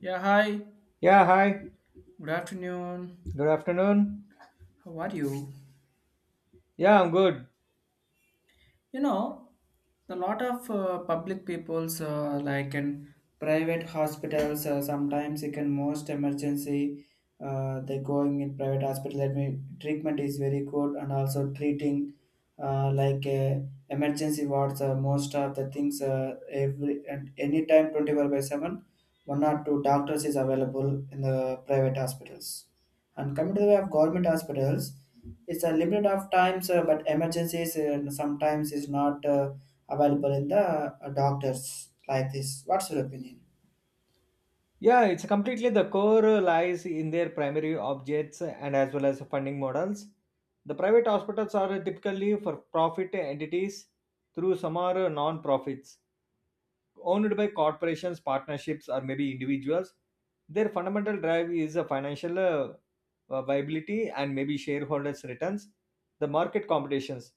Yeah, hi. Yeah, hi. Good afternoon. Good afternoon. How are you? Yeah, I'm good. You know, a lot of public people's like in private hospitals. Sometimes you can most emergency. They're going in private hospital. That mean treatment is very good and also treating uh, like uh, emergency wards. Most of the things every and anytime 24/7, one or two doctors is available in the private hospitals. And coming to the way of government hospitals, it's a limit of times, but emergencies, sometimes is not available in the doctors like this. What's your opinion? Yeah, it's completely the core lies in their primary objects and as well as funding models. The private hospitals are typically for profit entities through some are non-profits, owned by corporations, partnerships, or maybe individuals. Their fundamental drive is a financial viability and maybe shareholders' returns, the market competitions.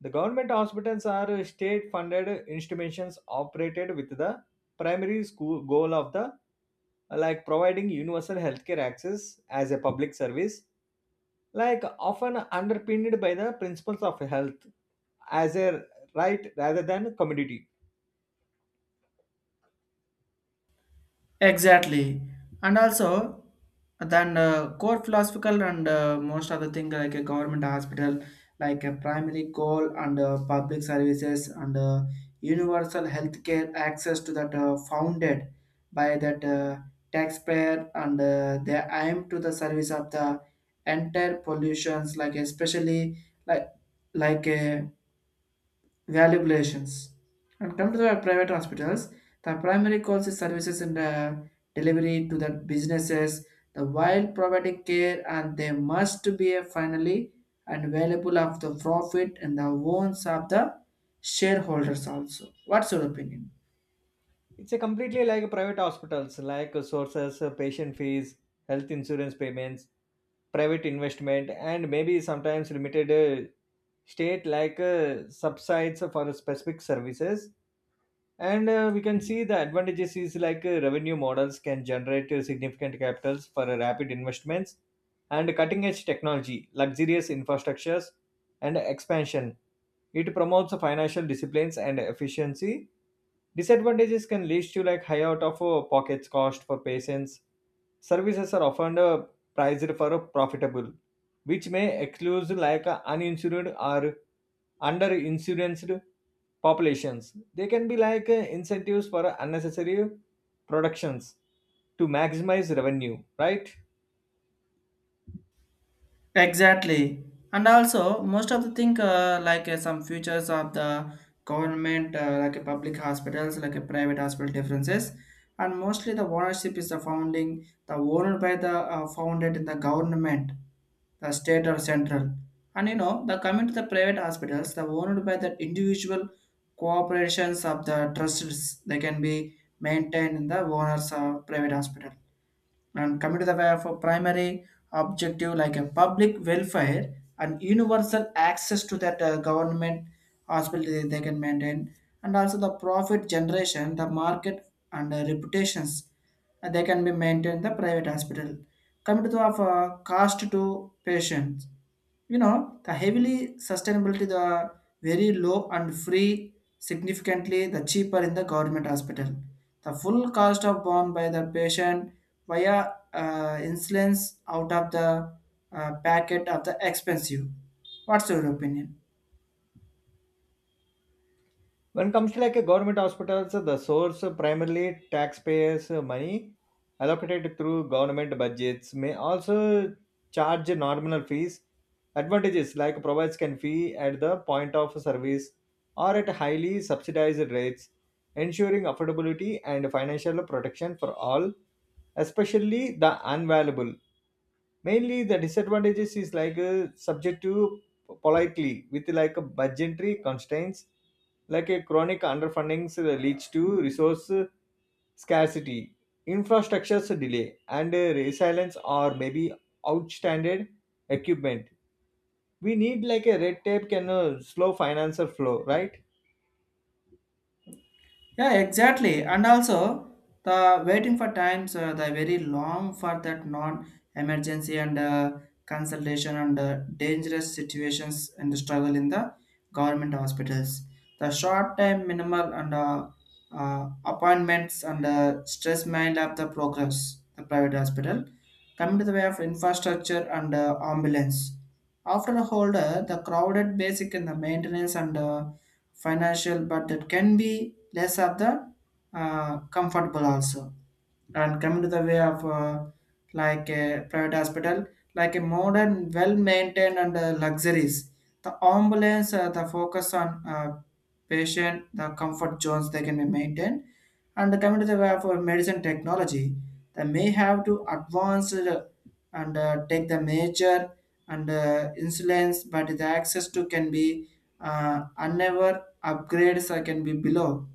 The government hospitals are state funded institutions operated with the primary school goal of the like providing universal healthcare access as a public service, like often underpinned by the principles of health as a right rather than commodity. Exactly, and also then core philosophical and most other thing like a government hospital, like a primary goal and public services and universal healthcare access to that founded by that taxpayer, and they aim to the service of the entire pollutions, like especially like like a valuations. And come to the private hospitals, the primary goals is services and delivery to the businesses, the while providing care, and they must be a finally and valuable of the profit and the wants of the shareholders also. What's your opinion? It's a completely like private hospitals, like sources, patient fees, health insurance payments, private investment, and maybe sometimes limited state like subsides for specific services. And we can see the advantages is like revenue models can generate significant capitals for rapid investments and cutting edge technology, luxurious infrastructures, and expansion. It promotes financial disciplines and efficiency. Disadvantages can lead to like high out of pockets cost for patients. Services are often priced for profitable, which may exclude like uninsured or underinsured populations. They can be like incentives for unnecessary productions to maximize revenue, right? Exactly. And also, most of the thing some features of the government, like a public hospitals, like a private hospital differences, and mostly the ownership is the founding, the owner by the founded in the government, the state or central. And you know, the coming to the private hospitals, the owned by the individual corporations of the trusts, they can be maintained in the owners of private hospital, and coming to the way of a primary objective like a public welfare and universal access to that government hospital, they can maintain, and also the profit generation, the market and reputations, they can be maintained the private hospital, coming to the of, cost to patients. You know, the heavily sustainability, the very low and free, significantly the cheaper in the government hospital, the full cost of borne by the patient via insulins out of the packet of the expensive. What's your opinion? When it comes to like a government hospitals, the source primarily taxpayers money allocated through government budgets may also charge nominal fees. Advantages like provides can fee at the point of service or at highly subsidized rates, ensuring affordability and financial protection for all, especially the unvaluable. Mainly the disadvantages is like subject to politely with like a budgetary constraints, like a chronic underfundings leads to resource scarcity, infrastructure's delay and resilience, or maybe outstanding equipment. We need like a red tape can slow financial flow, right? Yeah, exactly. And also, the waiting for times, the very long for that non-emergency and consultation and dangerous situations and struggle in the government hospitals. The short time minimal and appointments and stress mind of the progress, the private hospital. Coming to the way of infrastructure and ambulance. After a holder, the crowded basic in the maintenance and financial, but it can be less of the comfortable also. And coming to the way of like a private hospital, like a modern, well-maintained and luxuries. The ambulance, the focus on patient, the comfort zones they can be maintained. And coming to the way of medicine technology, they may have to advance and take the major and insulins, but the access to can be unever upgrades can be below.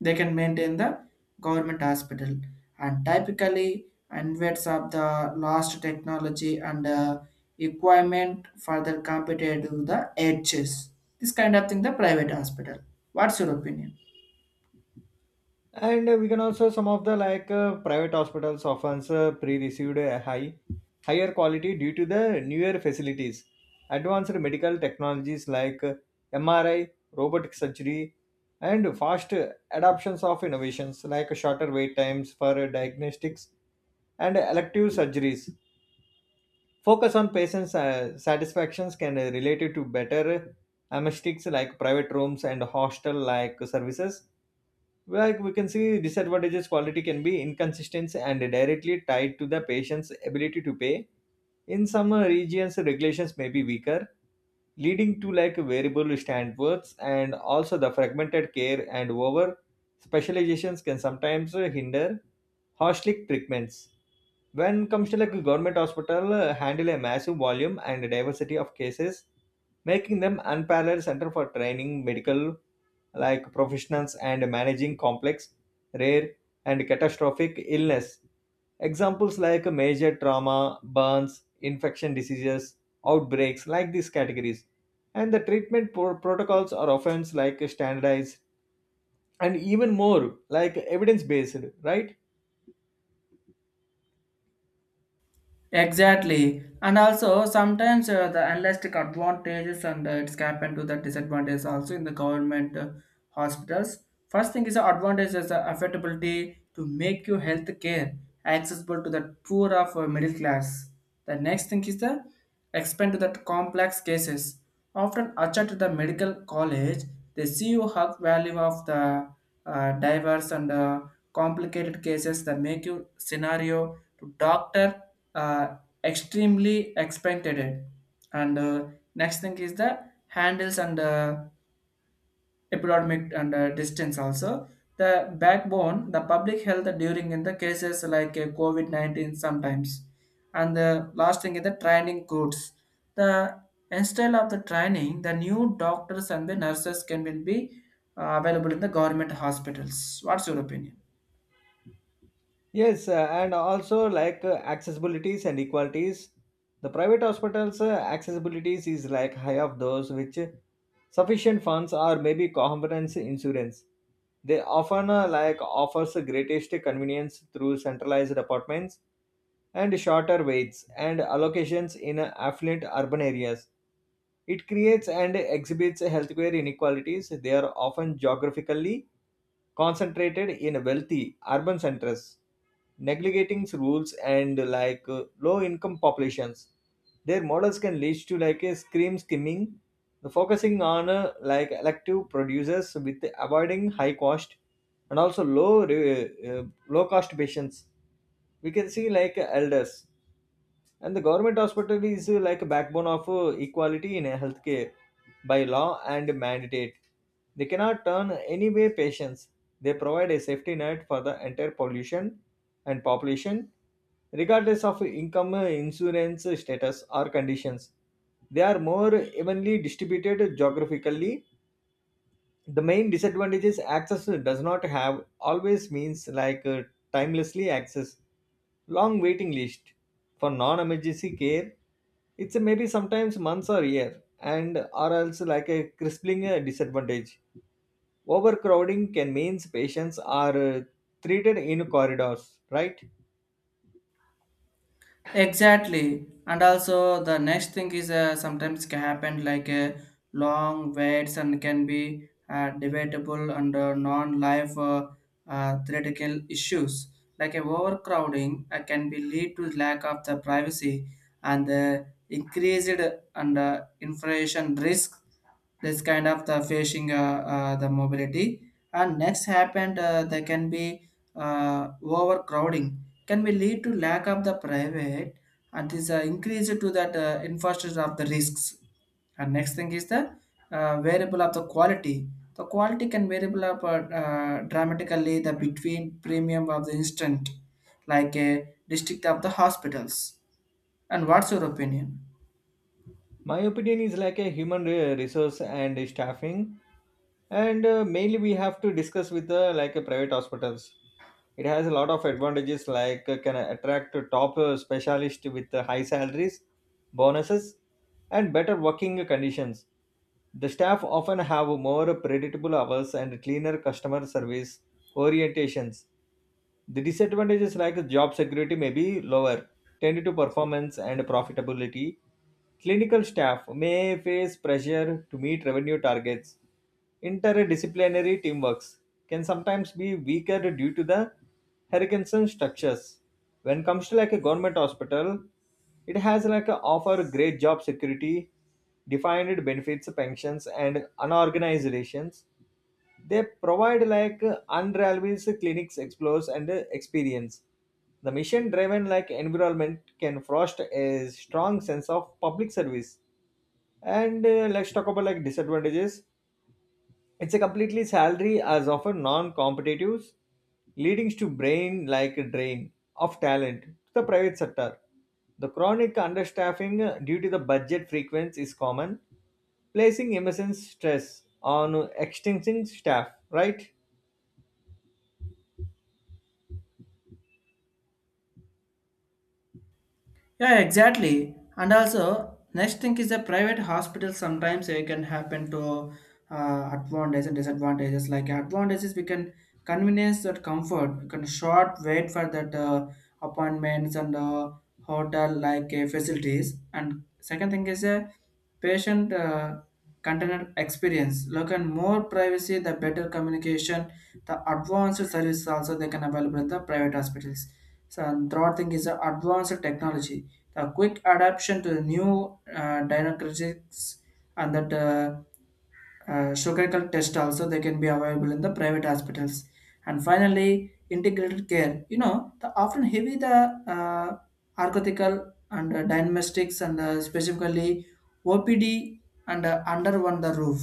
They can maintain the government hospital, and typically inverts of the last technology and equipment further compared to the edges this kind of thing the private hospital. What's your opinion? And we can also some of the like private hospitals often pre-received a higher quality due to the newer facilities, advanced medical technologies like MRI, robotic surgery, and fast adoptions of innovations, like shorter wait times for diagnostics and elective surgeries. Focus on patients' satisfactions can relate to better amnestics like private rooms and hostel like services. Like we can see, disadvantages quality can be inconsistent and directly tied to the patient's ability to pay. In some regions, regulations may be weaker, leading to like variable standards, and also the fragmented care and over specializations can sometimes hinder holistic treatments. When comes to like a government hospital, handle a massive volume and diversity of cases, making them unparalleled center for training, medical like professionals and managing complex, rare, and catastrophic illness. Examples like major trauma, burns, infection diseases, outbreaks, like these categories. And the treatment protocols are often like standardized and even more like evidence based, right? Exactly, and also sometimes the unlisted advantages and it's happened to the disadvantages also in the government hospitals. First thing is the advantage is the affordability to make your health care accessible to the poor of middle class. The next thing is the expand to the complex cases. Often attached to the medical college, they see you have value of the diverse and complicated cases that make you scenario to doctor uh, extremely expected. And next thing is the handles and epidemic and distance also. The backbone, the public health during in the cases like COVID-19 sometimes. And the last thing is the training codes. The instead of the training, the new doctors and the nurses can will be available in the government hospitals. What's your opinion? Yes, and also like accessibilities and equalities. The private hospitals' accessibilities is like high of those which sufficient funds or maybe comprehensive insurance. They often like offers the greatest convenience through centralized apartments and shorter waits and allocations in affluent urban areas. It creates and exhibits healthcare inequalities. They are often geographically concentrated in wealthy urban centers, neglecting rules and like low income populations. Their models can lead to like a scream skimming, focusing on like elective producers with avoiding high cost and also low cost patients. We can see like elders, and the government hospital is like a backbone of equality in healthcare by law and mandate. They cannot turn anyway patients. They provide a safety net for the entire pollution and population, regardless of income, insurance status, or conditions. They are more evenly distributed geographically. The main disadvantage is access does not have always means like timelessly access, long waiting list for non-emergency care. It's a maybe sometimes months or year, and or else like a crippling disadvantage. Overcrowding can means patients are treated in corridors, right? Exactly. And also the next thing is sometimes can happen like long waits and can be debatable and non-life theoretical issues. Like overcrowding can be lead to lack of the privacy and increased and inflation risk, this kind of the facing the mobility, and next happened there can be overcrowding can be lead to lack of the private and is increase to that infrastructure of the risks. And next thing is the variable of the quality, the quality can variable up dramatically the between premium of the instant like a district of the hospitals. And what's your opinion? My opinion is like a resource and staffing, and mainly we have to discuss with like a private hospitals. It has a lot of advantages like can attract a top specialist with high salaries, bonuses, and better working conditions. The staff often have more predictable hours and cleaner customer service orientations. The disadvantages like job security may be lower, tend to performance and profitability. Clinical staff may face pressure to meet revenue targets. Interdisciplinary teamworks can sometimes be weaker due to the Hurricane structures. When comes to like a government hospital, it has like a offer great job security, defined benefits, pensions, and unorganized relations. They provide like unrivaled clinics explores and experience. The mission driven like environment can foster a strong sense of public service. And let's talk about like disadvantages. It's a completely salary as often non-competitive, leading to brain like drain of talent to the private sector. The chronic understaffing due to the budget frequency is common, placing immense stress on extinguishing staff, right? Yeah, exactly. And also, next thing is the private hospital. Sometimes it can happen to advantages and disadvantages. Like advantages, we can convenience that comfort. We can short wait for that appointments and hotel like facilities. And second thing is a patient container experience. Look and more privacy, the better communication, the advanced services also they can available at the private hospitals. So and third thing is the advanced technology, the quick adaptation to the new diagnostics and that surgical test also they can be available in the private hospitals. And finally, integrated care. You know, the often heavy the uh, architectural and diagnostics and specifically OPD and under one the roof,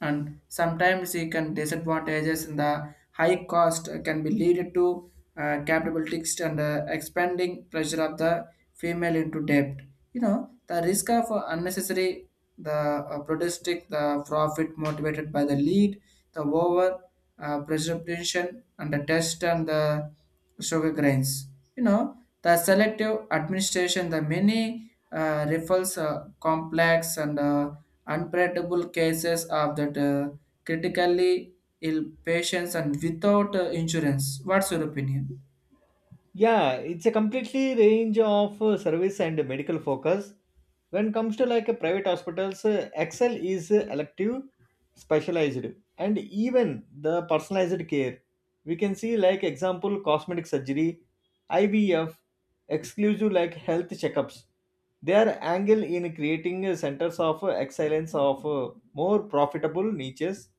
and sometimes it can disadvantages in the high cost can be leaded to capabilities and expanding pressure of the female into debt. You know, the risk of unnecessary, the protestic, the profit motivated by the lead, the over precipitation and the test and the sugar grains. You know, the selective administration, the many refers complex and unpredictable cases of that critically ill patients and without insurance. What's your opinion? Yeah, it's a completely range of service and medical focus. When comes to like a private hospitals, excel is elective, specialized, and even the personalized care. We can see like example cosmetic surgery, ivf, exclusive like health checkups. Their angle in creating centers of excellence of more profitable niches,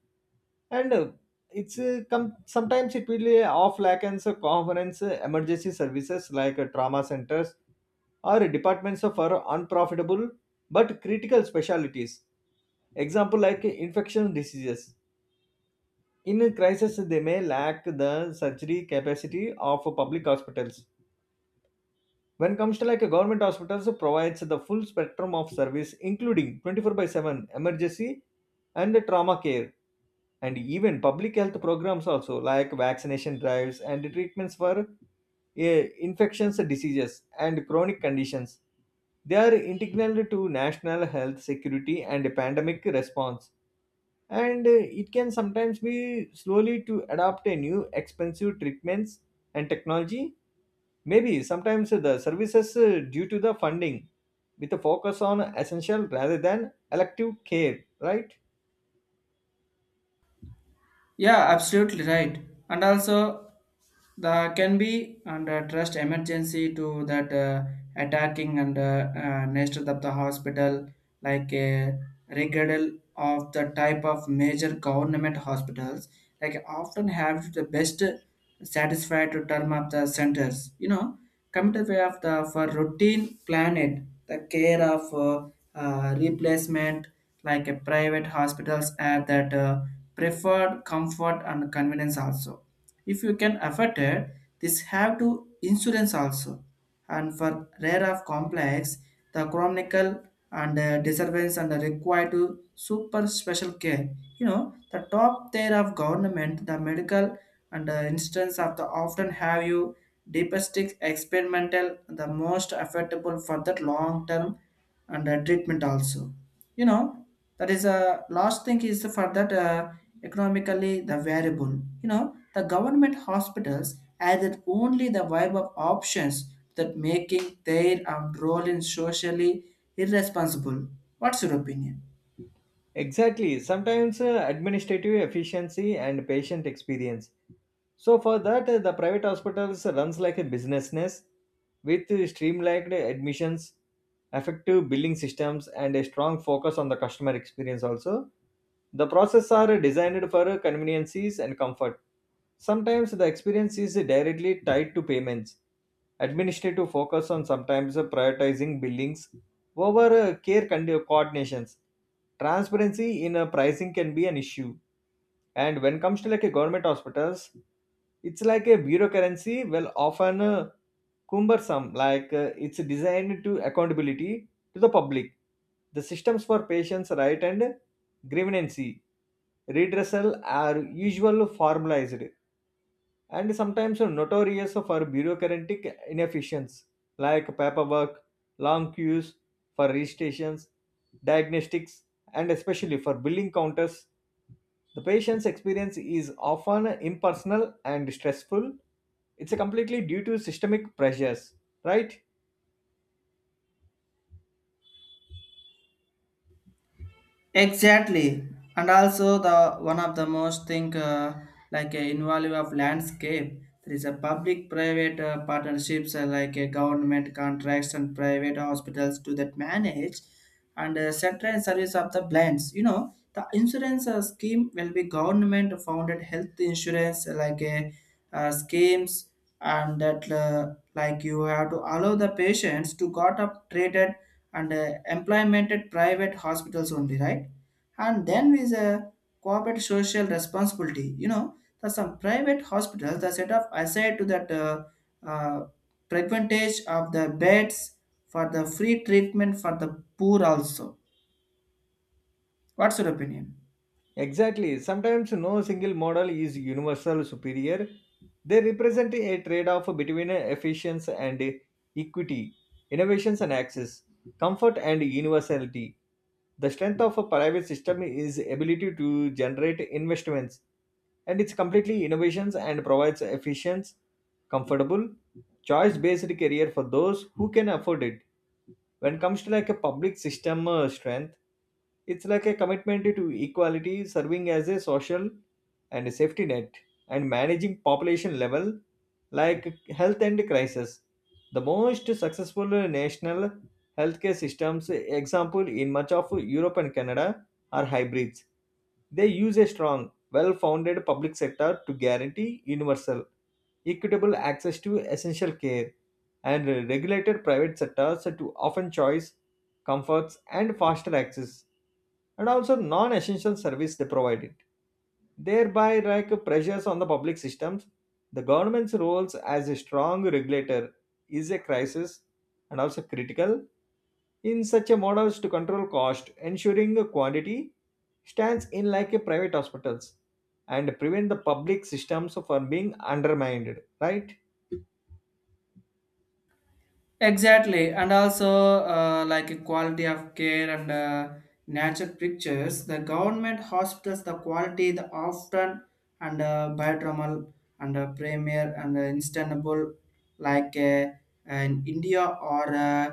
and sometimes it will off lackens conference emergency services like trauma centers or departments of our unprofitable but critical specialties. Example like infection diseases. In a crisis, they may lack the surgery capacity of public hospitals. When comes to like a government hospitals, so provides the full spectrum of service, including 24 by 7 emergency and the trauma care, and even public health programs also like vaccination drives and treatments for infections, diseases, and chronic conditions. They are integral to national health security and pandemic response. And it can sometimes be slowly to adopt a new expensive treatments and technology. Maybe sometimes the services due to the funding, with a focus on essential rather than elective care, right? Yeah, absolutely right. And also, the can be under trust emergency to that attacking and nature of the hospital, like a regardless of the type of major government hospitals, like often have the best satisfied to term up the centers. You know, come to way of the for routine planet, the care of replacement like a private hospitals have that. Preferred comfort and convenience also. If you can afford it, this have to insurance also. And for rare of complex, the chronicle and disturbance and the require to super special care. You know, the top tier of government, the medical and the instance of the often have you deepest experimental, the most affordable for that long term and treatment also. You know, that is a last thing is for that economically the variable. You know, the government hospitals added only the vibe of options that making their role in socially irresponsible. What's your opinion? Exactly. Sometimes administrative efficiency and patient experience. So for that, the private hospitals runs like a businessness with streamlined admissions, effective billing systems, and a strong focus on the customer experience. Also, the processes are designed for conveniences and comfort. Sometimes the experience is directly tied to payments. Administrative focus on sometimes prioritizing billings over coordinations. Transparency in pricing can be an issue. And when it comes to like a government hospitals, it's like a bureaucracy, well, often cumbersome, like it's designed to accountability to the public. The systems for patients' right and grievance redressal are usually formalized, and sometimes notorious for bureaucratic inefficiencies like paperwork, long queues for registrations, diagnostics, and especially for billing counters. The patient's experience is often impersonal and stressful. It's completely due to systemic pressures, right? Exactly, and also the one of the most thing like a involve of landscape. There is a public-private partnerships like a government contracts and private hospitals to that manage and central service of the plans. You know, the insurance scheme will be government-founded health insurance like a schemes, and that like you have to allow the patients to got up treated and employment at private hospitals only, right? And then is a corporate social responsibility. You know, that some private hospitals that set up aside to that uh, percentage of the beds for the free treatment for the poor also. What's your opinion? Exactly. Sometimes no single model is universal superior. They represent a trade off between efficiency and equity, innovations and access, comfort and universality. The strength of a private system is ability to generate investments, and it's completely innovations and provides efficient, comfortable, choice based career for those who can afford it. When it comes to like a public system strength, it's like a commitment to equality, serving as a social and a safety net, and managing population level like health and crisis. The most successful national healthcare systems, example in much of Europe and Canada, are hybrids. They use a strong, well founded public sector to guarantee universal, equitable access to essential care, and regulated private sectors to often choice comforts, and faster access, and also non-essential service they provided. Thereby, like pressures on the public systems, the government's roles as a strong regulator is a crisis and also critical in such a models to control cost, ensuring the quantity stands in like a private hospitals and prevent the public systems from being undermined, right? Exactly, and also like a quality of care and nature pictures. The government hospitals, the quality, the often and biodromal and premier and instantable, like in India or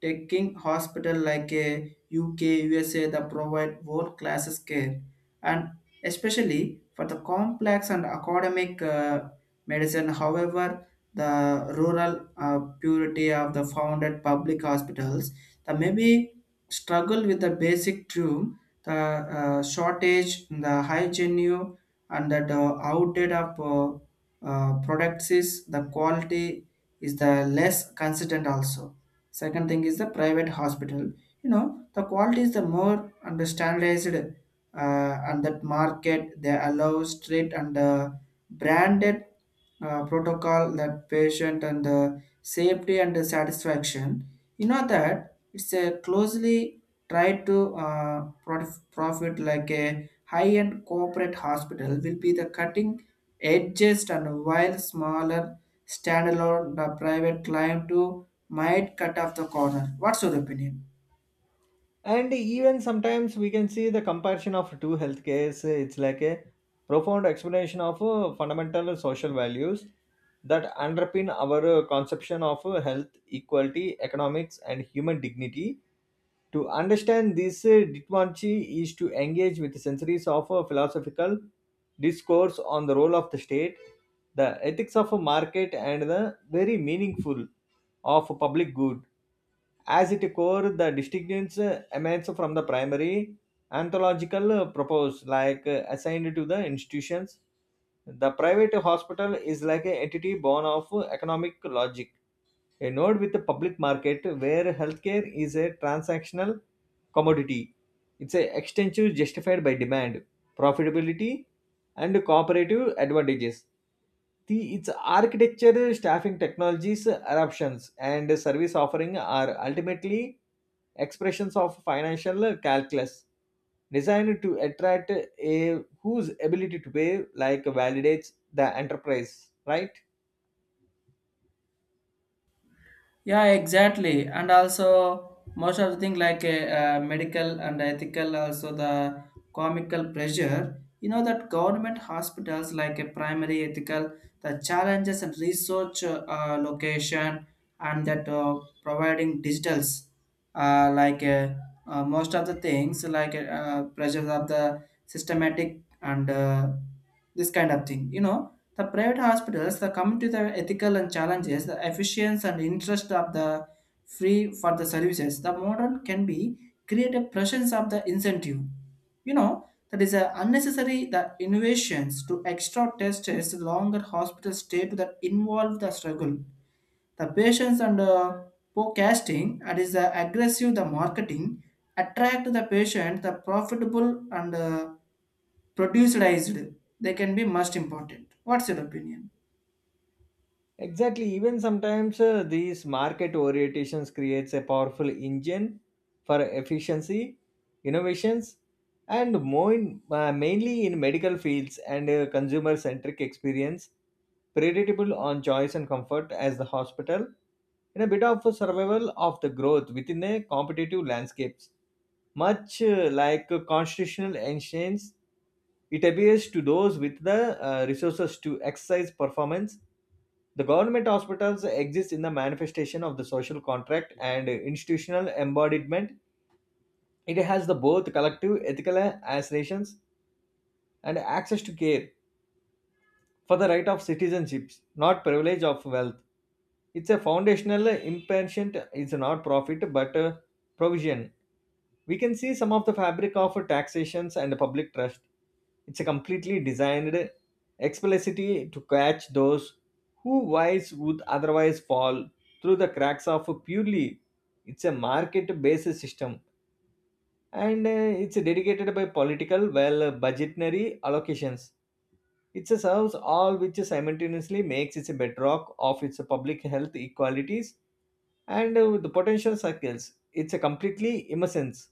taking hospital like UK, USA, that provide world classes care, and especially for the complex and academic medicine. However, the rural purity of the founded public hospitals, the maybe struggle with the basic room, the shortage, the high genuine, and that outdated of products is the quality is the less consistent also. Second thing is the private hospital. You know, the quality is the more and the standardized and that market they allow straight and branded protocol that patient and the safety and the satisfaction. You know, that it's a closely tried to profit, like a high-end corporate hospital will be the cutting edges, and while smaller standalone the private client to might cut off the corner. What's your opinion? And even sometimes we can see the comparison of two healthcares, it's like a profound explanation of fundamental social values that underpin our conception of health equality economics and human dignity. To understand this diplomacy is to engage with centuries of philosophical discourse on the role of the state, the ethics of a market, and the very meaningful of public good. As its core, the distinctions emanates from the primary anthological purpose, like assigned to the institutions. The private hospital is like an entity born of economic logic, a node with a public market where healthcare is a transactional commodity. It's an extension justified by demand, profitability, and cooperative advantages. The, its architecture, staffing technologies, eruptions, and service offering are ultimately expressions of financial calculus designed to attract a whose ability to pay like validates the enterprise, right? Yeah, exactly. And also, most of the thing like medical and ethical, also the comical pressure. You know that government hospitals like a primary ethical, the challenges and research location, and that providing digitals, uh, like uh, most of the things like pressures of the systematic and this kind of thing. You know, the private hospitals the come to the ethical and challenges the efficiency and interest of the free for the services, the modern can be create a presence of the incentive. You know, that is a unnecessary the innovations to extra tests longer hospital stay to that involve the struggle the patients and forecasting, and is the aggressive the marketing attract the patient the profitable and produced they can be most important. What's your opinion? Exactly. Even sometimes these market orientations creates a powerful engine for efficiency, innovations, and more in, mainly in medical fields and consumer-centric experience, predictable on choice and comfort as the hospital, in a bit of a survival of the growth within a competitive landscapes. Much like constitutional ancients, it appears to those with the resources to exercise performance the government hospitals exist in the manifestation of the social contract and institutional embodiment. It has the both collective ethical aspirations and access to care for the right of citizenships, not privilege of wealth. It's a foundational impatient, it's not profit but a provision. We can see some of the fabric of taxations and public trust. It's a completely designed explicitly to catch those who wise would otherwise fall through the cracks of purely it's a market-based system and it's dedicated by political well budgetary allocations. It serves all which simultaneously makes it a bedrock of its public health equalities and the potential circles. It's a completely innocence.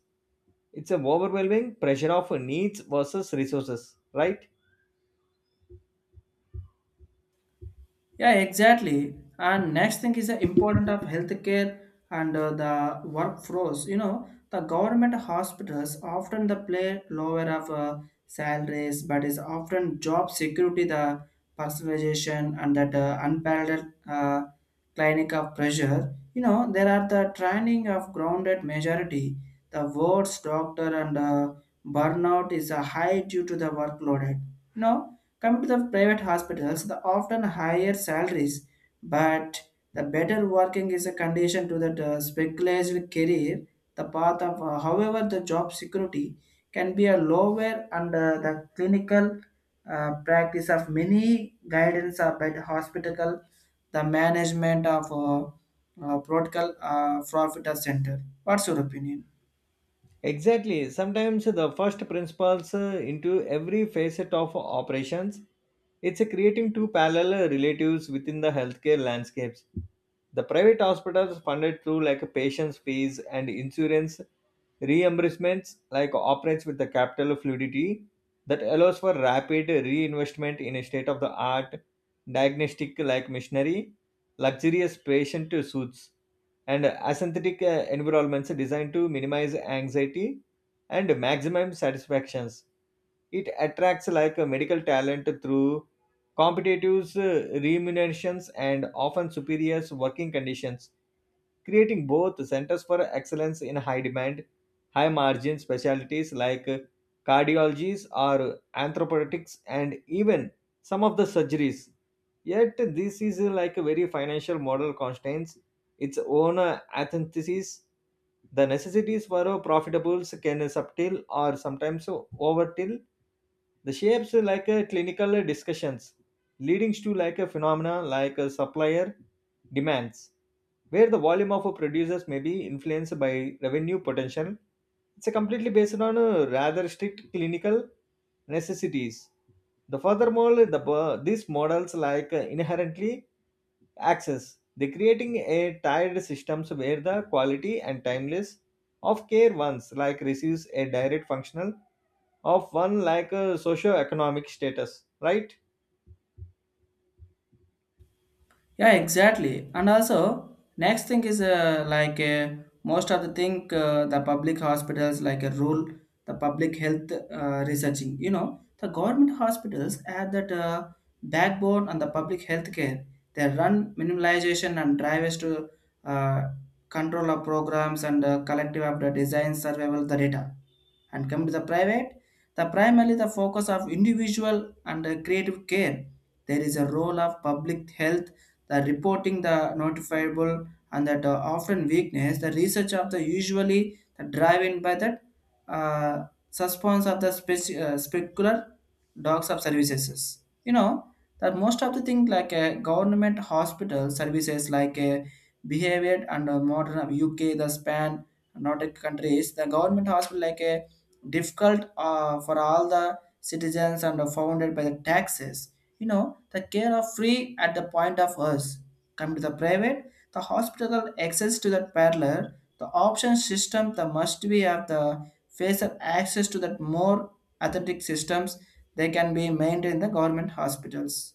It's a overwhelming pressure of needs versus resources, right? Yeah, exactly. And next thing is the importance of healthcare and the workforce. You know, the government hospitals often the play lower of salaries, but is often job security, the personalization, and that unparalleled clinic of pressure. You know, there are the training of grounded majority. The words doctor and burnout is a high due to the workload. No. Coming to the private hospitals, the often higher salaries, but the better working is a condition to that speculative career. The path of, however, the job security can be a lower under the clinical practice of many guidance of by the hospital, the management of protocol profit center. What's your opinion? Exactly. Sometimes the first principles into every facet of operations. It's creating two parallel relatives within the healthcare landscapes. The private hospitals funded through like patients' fees and insurance reimbursements like operates with the capital fluidity that allows for rapid reinvestment in a state of the art diagnostic like machinery, luxurious patient suits and asynthetic environments designed to minimize anxiety and maximum satisfactions. It attracts like medical talent through competitive remunerations and often superior working conditions creating both centers for excellence in high demand, high margin specialties like cardiologies or anthropologists and even some of the surgeries. Yet this is like a very financial model constraints its own antithesis. The necessities for profitables can subtil or sometimes overtill the shapes like clinical discussions, leading to like a phenomena like supplier demands where the volume of a producers may be influenced by revenue potential. It's a completely based on rather strict clinical necessities. The furthermore, these models like inherently access. They creating a tiered systems where the quality and timeless of care ones like receives a direct functional of one like socio-economic status, right? Yeah, exactly. And also, next thing is most of the thing the public hospitals like a rule the public health researching. You know, the government hospitals add that backbone and the public health care. They run minimalization and drivers to uh, control of programs and collective of the design survival the data. And come to the private, the primarily the focus of individual and creative care. There is a role of public health the reporting the notifiable, and that often weakness the research of the usually the driven by that uh, suspense of the specular dogs of services. You know, that most of the thing like a government hospital services like a behavior and modern of UK, the span Nordic countries, the government hospital like a difficult for all the citizens and are founded by the taxes. You know, the care of free at the point of us. Come to the private, the hospital access to the parlor, the option system, the must be of the facer access to that more authentic systems they can be maintained in the government hospitals.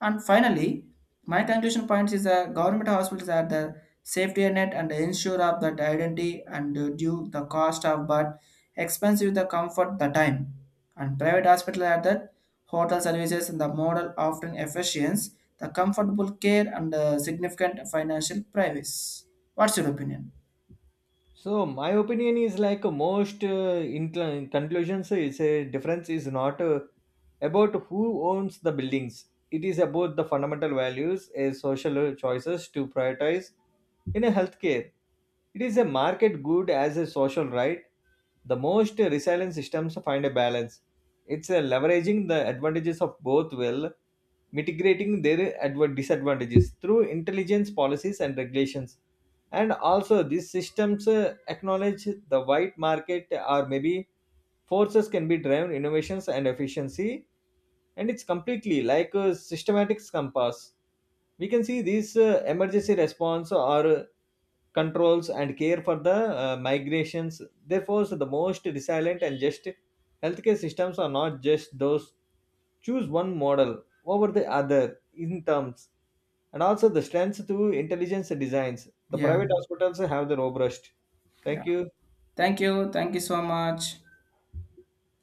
And finally, my conclusion points is that government hospitals are the safety net and ensure of that identity and due the cost of but expensive the comfort the time. And private hospital are that hotel services and the model offering efficiency, the comfortable care and significant financial privacy. What's your opinion? So my opinion is like most in conclusions is a difference is not about who owns the buildings. It is about the fundamental values, a social choices to prioritize in a healthcare. It is a market good as a social right. The most resilient systems find a balance. It's a leveraging the advantages of both well mitigating their disadvantages through intelligence policies and regulations and also these systems acknowledge the white market or maybe forces can be driven innovations and efficiency and it's completely like a systematic compass we can see these emergency response or controls and care for the migrations. Therefore, the most resilient and just healthcare systems are not just those choose one model over the other in terms and also the strengths to intelligence designs. The Yeah, private hospitals have their robust. yeah. Thank you. Thank you. Thank you so much.